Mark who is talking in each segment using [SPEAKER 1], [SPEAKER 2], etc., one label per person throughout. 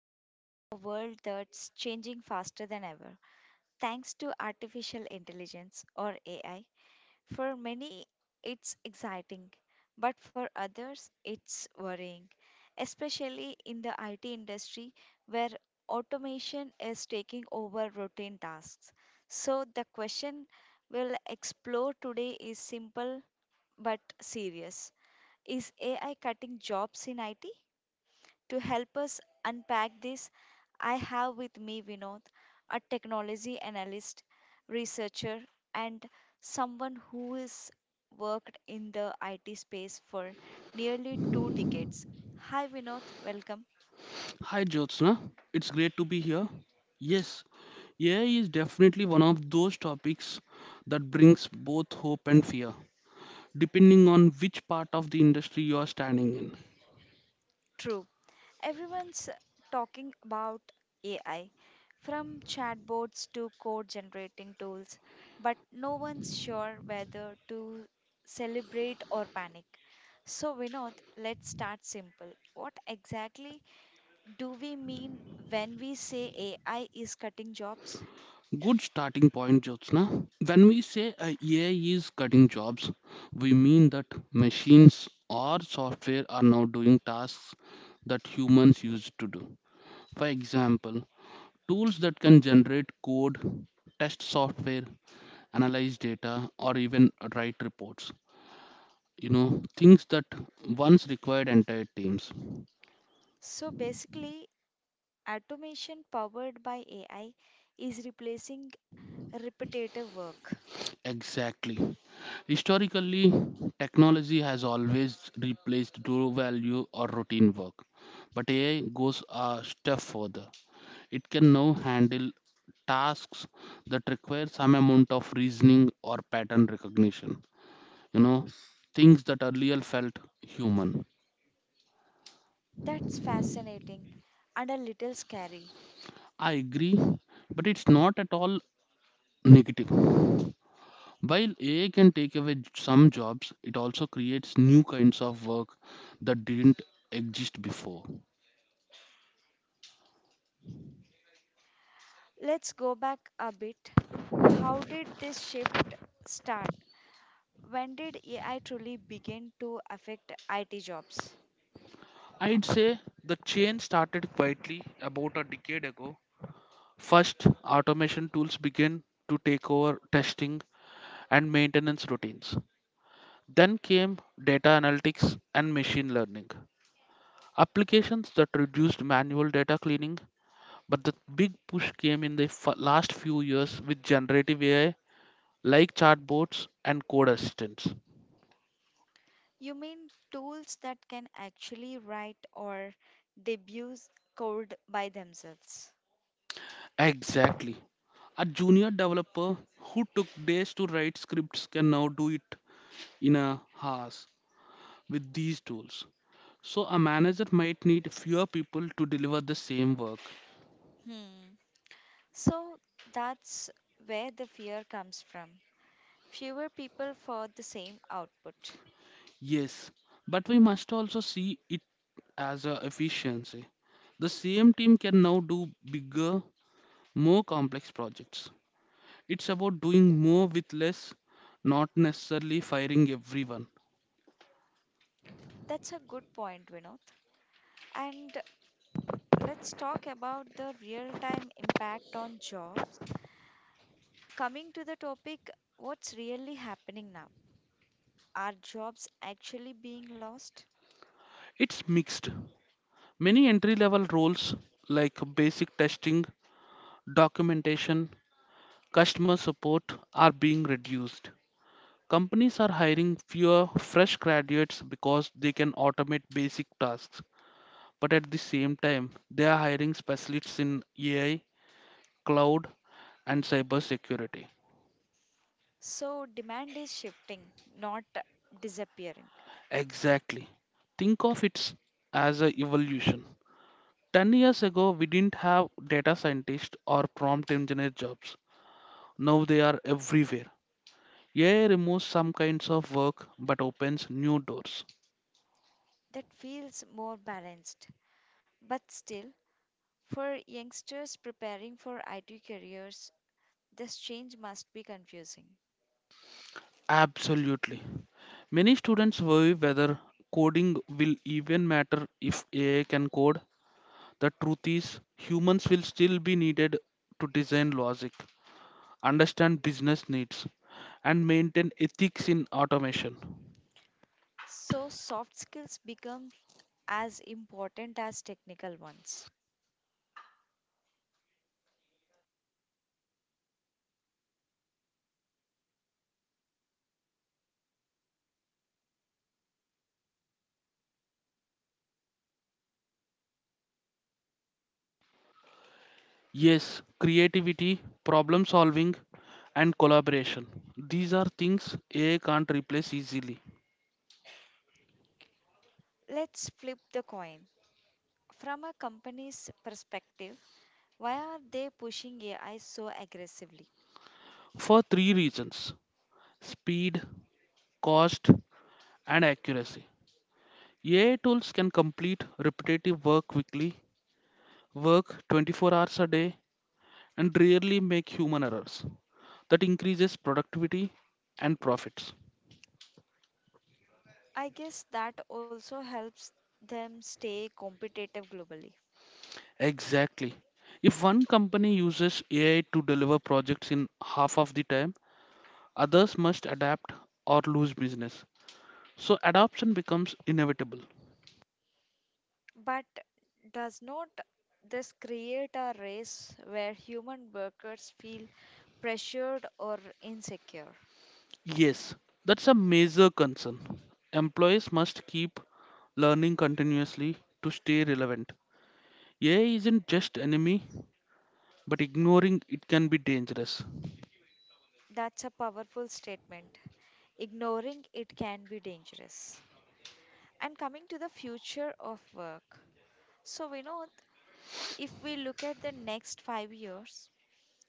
[SPEAKER 1] We live in a world that's changing faster than ever thanks to artificial intelligence or AI. For many, it's exciting, but for others, it's worrying, especially in the IT industry where automation is taking over routine tasks. So, the question we'll explore today is simple but serious. Is AI cutting jobs in IT? To help us unpack this, I have with me Vinod, a technology analyst, researcher, and someone who has worked in the IT space for nearly two decades. Hi, Vinod. Welcome.
[SPEAKER 2] Hi Jyotsna, it's great to be here. Yes, AI is definitely one of those topics that brings both hope and fear, depending on which part of the industry you are standing in.
[SPEAKER 1] True. Everyone's talking about AI, from chatbots to code generating tools, but no one's sure whether to celebrate or panic. So, Vinod, let's start simple. What exactly do we mean when we say AI is cutting jobs?
[SPEAKER 2] Good starting point, Jyotsna. When we say AI is cutting jobs, we mean that machines or software are now doing tasks that humans used to do. For example, tools that can generate code, test software, analyze data, or even write reports. You know, things that once required entire teams.
[SPEAKER 1] So, basically, automation powered by AI is replacing repetitive work.
[SPEAKER 2] Exactly. Historically, technology has always replaced raw value or routine work. But AI goes a step further. It can now handle tasks that require some amount of reasoning or pattern recognition. You know, things that earlier felt human.
[SPEAKER 1] That's fascinating and a little scary.
[SPEAKER 2] I agree, but it's not at all negative. While AI can take away some jobs, it also creates new kinds of work that didn't exist before.
[SPEAKER 1] Let's go back a bit. How did this shift start? When did AI truly begin to affect IT jobs?
[SPEAKER 2] I'd say the change started quietly about a decade ago. First, automation tools began to take over testing and maintenance routines. Then came data analytics and machine learning, applications that reduced manual data cleaning. But the big push came in the last few years with generative AI like chatbots and code assistants.
[SPEAKER 1] You mean tools that can actually write or debug code by themselves?
[SPEAKER 2] Exactly. A junior developer who took days to write scripts can now do it in a hours with these tools. So a manager might need fewer people to deliver the same work.
[SPEAKER 1] Hmm. So that's where the fear comes from. Fewer people for the same output.
[SPEAKER 2] Yes, but we must also see it as a efficiency. The same team can now do bigger, more complex projects. It's about doing more with less, not necessarily firing everyone.
[SPEAKER 1] That's a good point, Vinod. And let's talk about the real time impact on jobs. Coming to the topic, what's really happening now? Are jobs actually being lost?
[SPEAKER 2] It's mixed. Many entry level roles like basic testing, documentation, customer support are being reduced. Companies are hiring fewer fresh graduates because they can automate basic tasks, but at the same time, they are hiring specialists in AI, cloud, and cybersecurity.
[SPEAKER 1] So, demand is shifting, not disappearing.
[SPEAKER 2] Exactly. Think of it as an evolution. 10 years ago, we didn't have data scientist or prompt engineer jobs. Now they are everywhere. AI removes some kinds of work but opens new doors.
[SPEAKER 1] That feels more balanced. But still, for youngsters preparing for IT careers, this change must be confusing.
[SPEAKER 2] Absolutely. Many students worry whether coding will even matter if AI can code. The truth is, humans will still be needed to design logic, understand business needs, and maintain ethics in automation.
[SPEAKER 1] So, soft skills become as important as technical ones.
[SPEAKER 2] Yes, creativity, problem solving, and collaboration. These are things AI can't replace easily.
[SPEAKER 1] Let's flip the coin. From a company's perspective, why are they pushing AI so aggressively?
[SPEAKER 2] For three reasons: speed, cost, and accuracy. AI tools can complete repetitive work quickly, work 24 hours a day, and rarely make human errors. That increases productivity and profits.
[SPEAKER 1] I guess that also helps them stay competitive globally.
[SPEAKER 2] Exactly. If one company uses AI to deliver projects in half of the time, others must adapt or lose business. So adoption becomes inevitable.
[SPEAKER 1] But does not this create a race where human workers feel pressured or insecure?
[SPEAKER 2] Yes, that's a major concern. Employees must keep learning continuously to stay relevant. AI isn't just enemy, but ignoring it can be dangerous.
[SPEAKER 1] That's a powerful statement. Ignoring it can be dangerous. And coming to the future of work. So, Vinod, if we look at the next 5 years,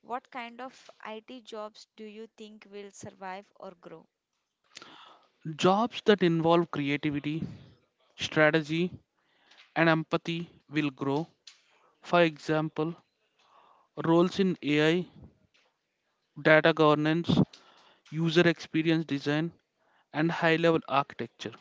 [SPEAKER 1] what kind of IT jobs do you think will survive or grow?
[SPEAKER 2] Jobs that involve creativity, strategy, and empathy will grow. For example, roles in AI, data governance, user experience design, and high level architecture.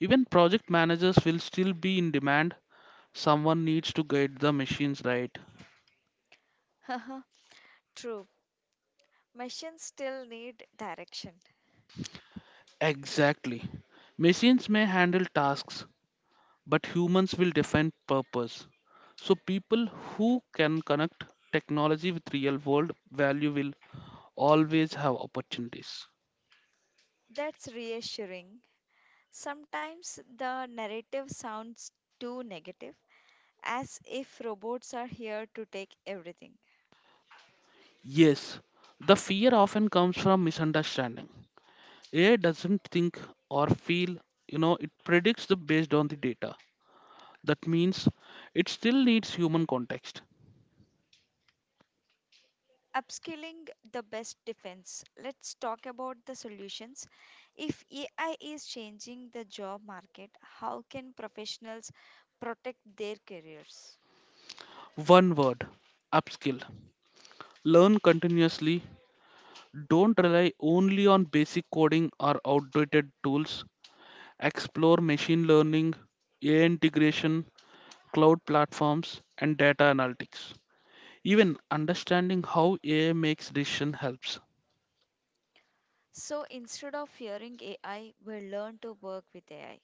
[SPEAKER 2] Even project managers will still be in demand. Someone needs to guide the machines right.
[SPEAKER 1] True, machines still need direction.
[SPEAKER 2] Exactly. Machines may handle tasks, but humans will define purpose. So people who can connect technology with real world value will always have opportunities.
[SPEAKER 1] That's reassuring. Sometimes the narrative sounds too negative, as if robots are here to take everything.
[SPEAKER 2] Yes, the fear often comes from misunderstanding. AI doesn't think or feel, it predicts the based on the data. That means it still needs human context.
[SPEAKER 1] Upskilling the best defense. Let's talk about the solutions. If AI is changing the job market, how can professionals protect their careers?
[SPEAKER 2] One word, upskill. Learn continuously. Don't rely only on basic coding or outdated tools. Explore machine learning, AI integration, cloud platforms, and data analytics. Even understanding how AI makes decision helps.
[SPEAKER 1] So instead of fearing AI, we learn to work with AI.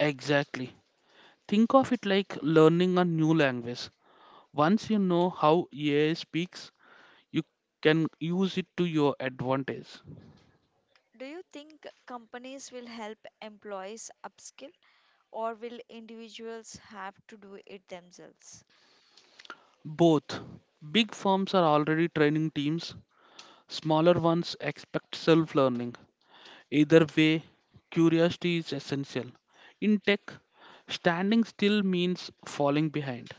[SPEAKER 2] Exactly. Think of it like learning a new language. Once you know how AI speaks, you can use it to your advantage.
[SPEAKER 1] Do you think companies will help employees upskill or will individuals have to do it themselves?
[SPEAKER 2] Both. Big firms are already training teams, smaller ones expect self learning. Either way, curiosity is essential. In tech, standing still means falling behind.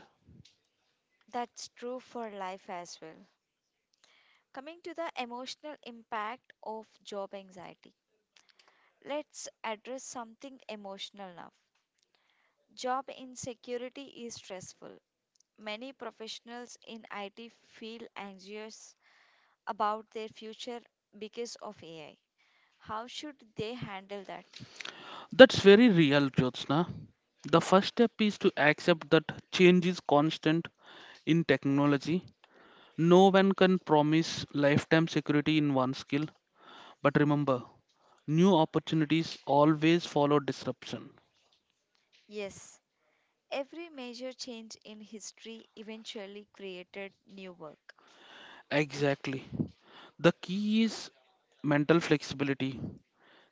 [SPEAKER 1] That's true for life as well. Coming to the emotional impact of job anxiety, let's address something emotional now. Job insecurity is stressful. Many professionals in IT feel anxious about their future because of AI. How should they handle that?
[SPEAKER 2] That's very real, Jyotsna. The first step is to accept that change is constant in technology. No one can promise lifetime security in one skill, but remember, new opportunities always follow disruption.
[SPEAKER 1] Yes, every major change in history eventually created new work.
[SPEAKER 2] Exactly. The key is mental flexibility.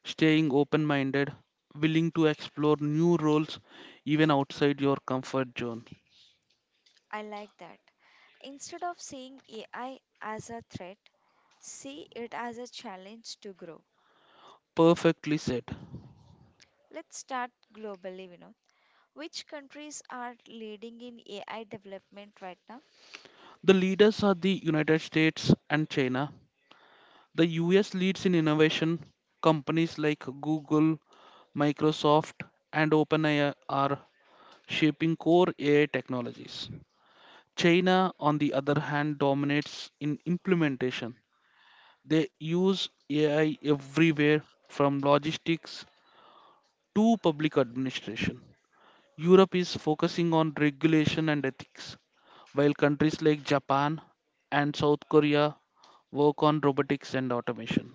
[SPEAKER 2] Staying open minded, willing to explore new roles even outside your comfort zone.
[SPEAKER 1] I like that. Instead of seeing AI as a threat, see it as a challenge to grow.
[SPEAKER 2] Perfectly said.
[SPEAKER 1] Let's start globally, you know. Which countries are leading in AI development right now?
[SPEAKER 2] The leaders are the United States and China. The US leads in innovation. Companies like Google, Microsoft, and OpenAI are shaping core AI technologies. China, on the other hand, dominates in implementation. They use AI everywhere from logistics to public administration. Europe is focusing on regulation and ethics, while countries like Japan and South Korea work on robotics and automation.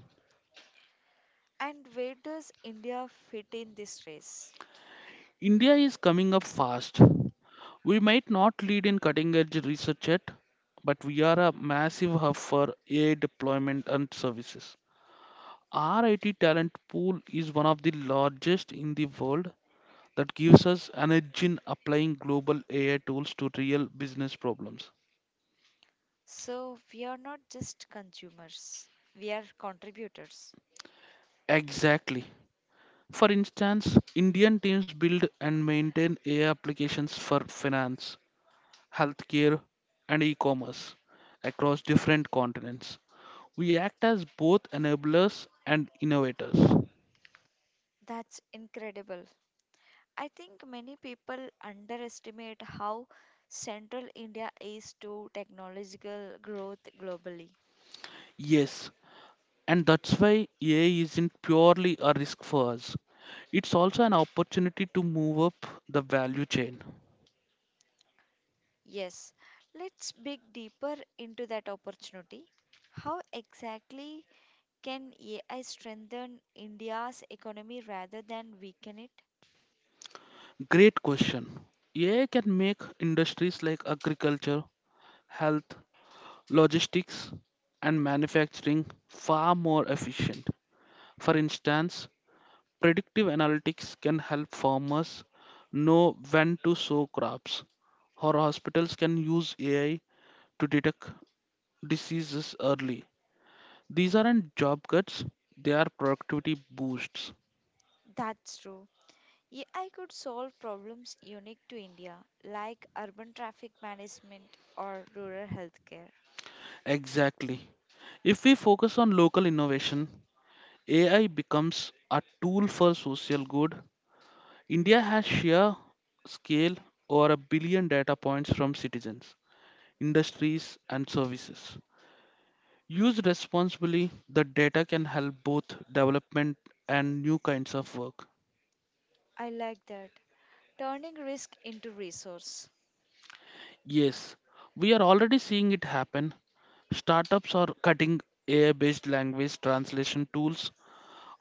[SPEAKER 1] And where does India fit in this race?
[SPEAKER 2] India is coming up fast. We might not lead in cutting edge research yet, but we are a massive hub for AI deployment and services. Our IT talent pool is one of the largest in the world that gives us an edge in applying global AI tools to real business problems.
[SPEAKER 1] So, we are not just consumers, we are contributors.
[SPEAKER 2] Exactly. For instance, Indian teams build and maintain AI applications for finance, healthcare, and e commerce across different continents. We act as both enablers and innovators.
[SPEAKER 1] That's incredible. I think many people underestimate how central India is to technological growth globally.
[SPEAKER 2] Yes, and that's why AI isn't purely a risk for us. It's also an opportunity to move up the value chain.
[SPEAKER 1] Yes, let's dig deeper into that opportunity. How exactly can AI strengthen India's economy rather than weaken it?
[SPEAKER 2] Great question. AI can make industries like agriculture, health, logistics, and manufacturing far more efficient. For instance, predictive analytics can help farmers know when to sow crops, or hospitals can use AI to detect diseases early. These aren't job cuts, they are productivity boosts.
[SPEAKER 1] That's true. AI could solve problems unique to India, like urban traffic management or rural healthcare.
[SPEAKER 2] Exactly. If we focus on local innovation, AI becomes a tool for social good. India has sheer scale, over a billion data points from citizens, industries, and services. Used responsibly, the data can help both development and new kinds of work.
[SPEAKER 1] I like that. Turning risk into resource.
[SPEAKER 2] Yes, we are already seeing it happen. Startups are cutting AI based language translation tools,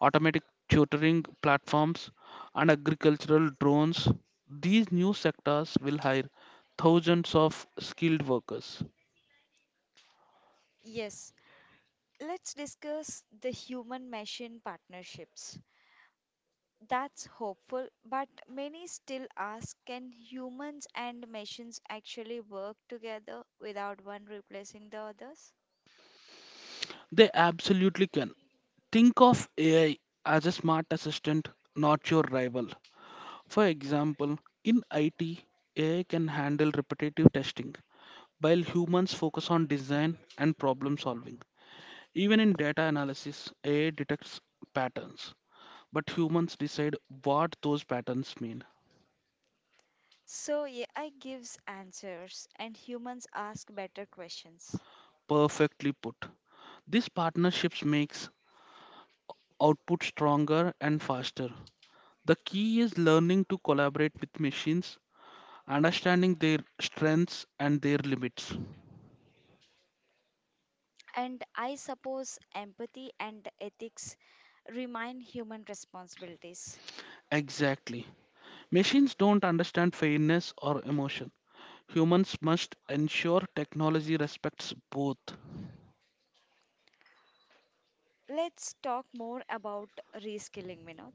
[SPEAKER 2] automatic tutoring platforms, and agricultural drones. These new sectors will hire thousands of skilled workers.
[SPEAKER 1] Yes. Let's discuss the human machine partnerships. That's hopeful, but many still ask, can humans and machines actually work together without one replacing the others?
[SPEAKER 2] They absolutely can. Think of AI as a smart assistant, not your rival. For example, in IT, AI can handle repetitive testing, while humans focus on design and problem solving. Even in data analysis, AI detects patterns, but humans decide what those patterns mean.
[SPEAKER 1] So AI gives answers and humans ask better questions.
[SPEAKER 2] Perfectly put. These partnerships makes output stronger and faster. The key is learning to collaborate with machines, understanding their strengths and their limits.
[SPEAKER 1] And I suppose empathy and ethics remain human responsibilities.
[SPEAKER 2] Exactly. Machines don't understand fairness or emotion. Humans must ensure technology respects both.
[SPEAKER 1] Let's talk more about reskilling, Vinod.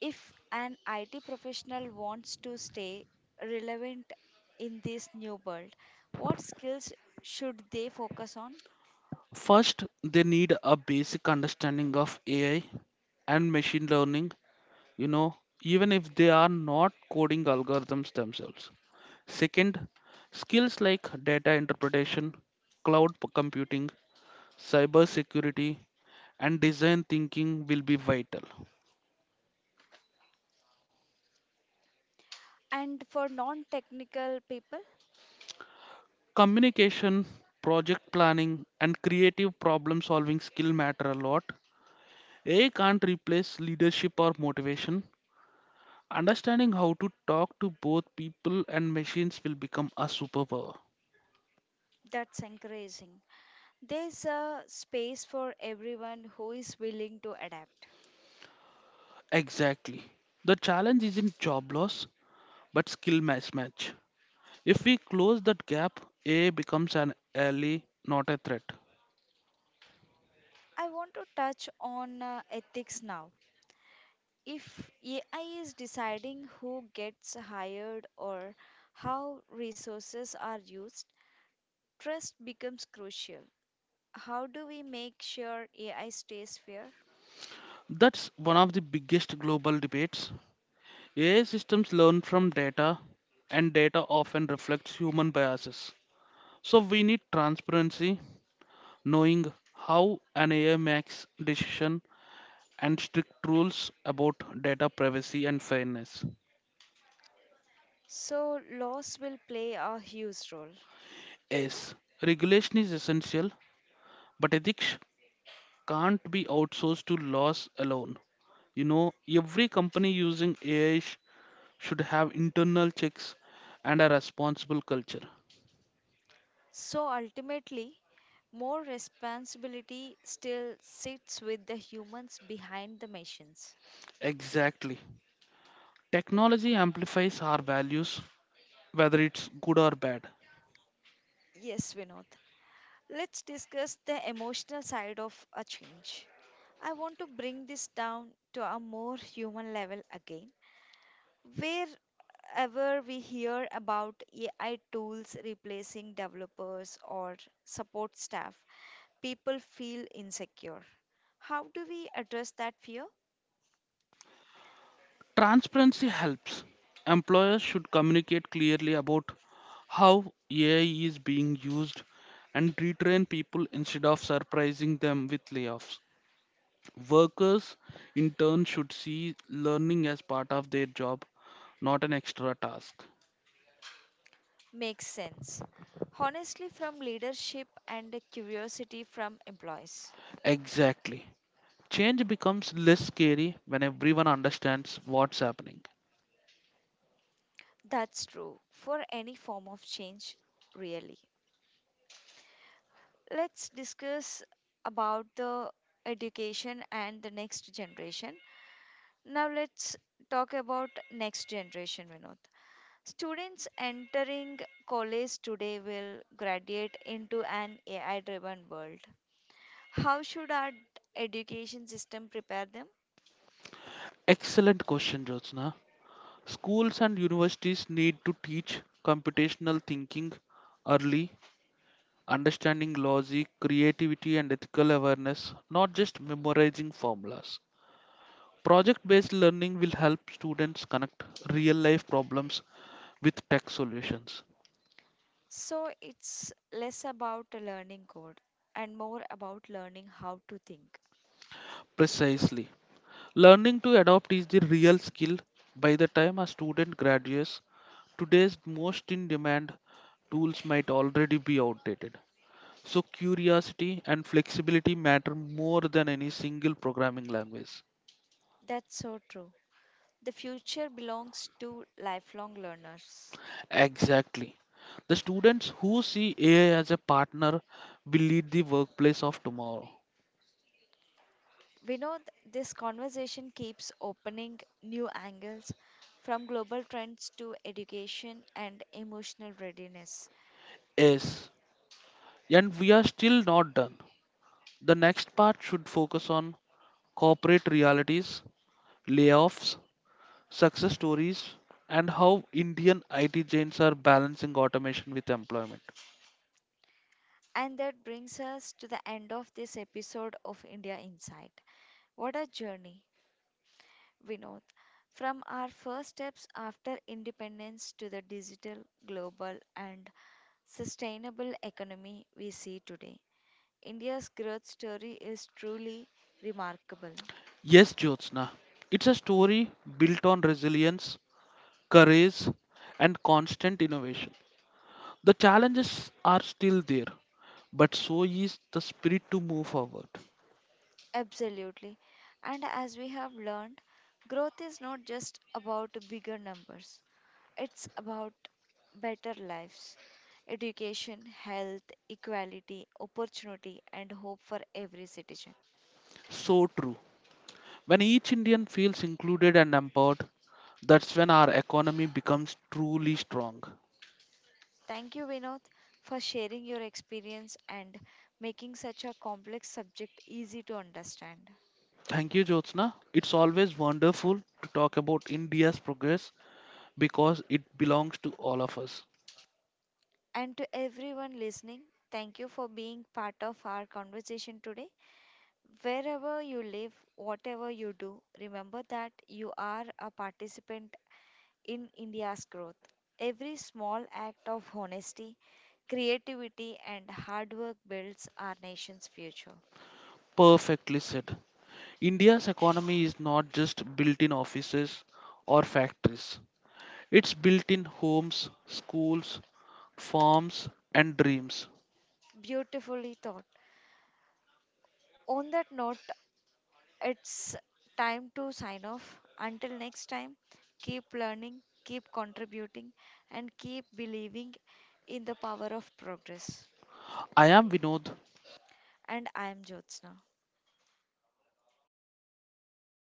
[SPEAKER 1] If an IT professional wants to stay relevant in this new world, what skills should they focus on?
[SPEAKER 2] First, they need a basic understanding of AI and machine learning, you know, even if they are not coding algorithms themselves. Second, skills like data interpretation, computing, cybersecurity, and design thinking will be vital.
[SPEAKER 1] And for non technical people,
[SPEAKER 2] Communication, project planning, and creative problem solving skill matter a lot. AI can't replace leadership or motivation. Understanding how to talk to both people and machines will become a superpower.
[SPEAKER 1] that's encouraging. There's a space for everyone who is willing to adapt.
[SPEAKER 2] Exactly. The challenge isn't job loss, but skill mismatch. If we close that gap, AI becomes an ally, not a threat.
[SPEAKER 1] I want to touch on ethics now. If AI is deciding who gets hired or how resources are used, trust becomes crucial. How do we make sure AI stays fair?
[SPEAKER 2] That's one of the biggest global debates. AI systems learn from data, and data often reflects human biases. So we need transparency, knowing how an AI makes decision, and strict rules about data privacy and fairness.
[SPEAKER 1] So, laws will play a huge role.
[SPEAKER 2] S. Regulation is essential, but ethics can't be outsourced to laws alone. Every company using AI should have internal checks and a responsible culture.
[SPEAKER 1] So, ultimately, more responsibility still sits with the humans behind the machines.
[SPEAKER 2] Exactly. Technology amplifies our values, whether it's good or bad.
[SPEAKER 1] Yes, Vinod. Let's discuss the emotional side of a change. I want to bring this down to a more human level again. Wherever we hear about AI tools replacing developers or support staff, people feel insecure. How do we address that fear?
[SPEAKER 2] Transparency helps. Employers should communicate clearly about how AI is being used and retrain people instead of surprising them with layoffs. Workers, in turn, should see learning as part of their job, not an extra task.
[SPEAKER 1] Makes sense. Honestly, from leadership and curiosity from employees.
[SPEAKER 2] Exactly. Change becomes less scary when everyone understands what's happening.
[SPEAKER 1] That's true for any form of change, really. Let's discuss about the education and the next generation. Now, let's talk about next generation, Vinod. Students entering college today will graduate into an AI driven world. How should our education system prepare them?
[SPEAKER 2] Excellent question, Jyotsna. Schools and universities need to teach computational thinking early, understanding logic, creativity, and ethical awareness, not just memorizing formulas. Project based learning will help students connect real life problems with tech solutions.
[SPEAKER 1] So it's less about a learning code and more about learning how to think.
[SPEAKER 2] Precisely. Learning to adopt is the real skill. By the time a student graduates, today's most in demand tools might already be outdated. So curiosity and flexibility matter more than any single programming language.
[SPEAKER 1] That's so true. The future belongs to lifelong learners.
[SPEAKER 2] Exactly. The students who see AI as a partner will lead the workplace of tomorrow.
[SPEAKER 1] We know this conversation keeps opening new angles from global trends to education and emotional readiness.
[SPEAKER 2] Yes. And we are still not done. The next part should focus on corporate realities, layoffs, success stories, and how Indian IT giants are balancing automation with employment.
[SPEAKER 1] And that brings us to the end of this episode of India Insight. What a journey! Vinod. From our first steps after independence to the digital, global, and sustainable economy we see today, India's growth story is truly remarkable.
[SPEAKER 2] Yes, Jyotsna. It's a story built on resilience, courage, and constant innovation. The challenges are still there, but so is the spirit to move forward.
[SPEAKER 1] Absolutely. And as we have learned, growth is not just about bigger numbers, it's about better lives, education, health, equality, opportunity, and hope for every citizen.
[SPEAKER 2] So true. When each Indian feels included and empowered, that's when our economy becomes truly strong.
[SPEAKER 1] Thank you, Vinod, for sharing your experience and making such a complex subject easy to understand.
[SPEAKER 2] Thank you, Jyotsna. It's always wonderful to talk about India's progress because it belongs to all of us.
[SPEAKER 1] And to everyone listening, thank you for being part of our conversation today. Wherever you live, whatever you do, remember that you are a participant in India's growth. Every small act of honesty, creativity, and hard work builds our nation's future.
[SPEAKER 2] Perfectly said. India's economy is not just built in offices or factories, it's built in homes, schools, farms, and dreams.
[SPEAKER 1] Beautifully thought. On that note, it's time to sign off. Until next time, keep learning, keep contributing, and keep believing in the power of progress.
[SPEAKER 2] I am Vinod,
[SPEAKER 1] And I am Jyotsna.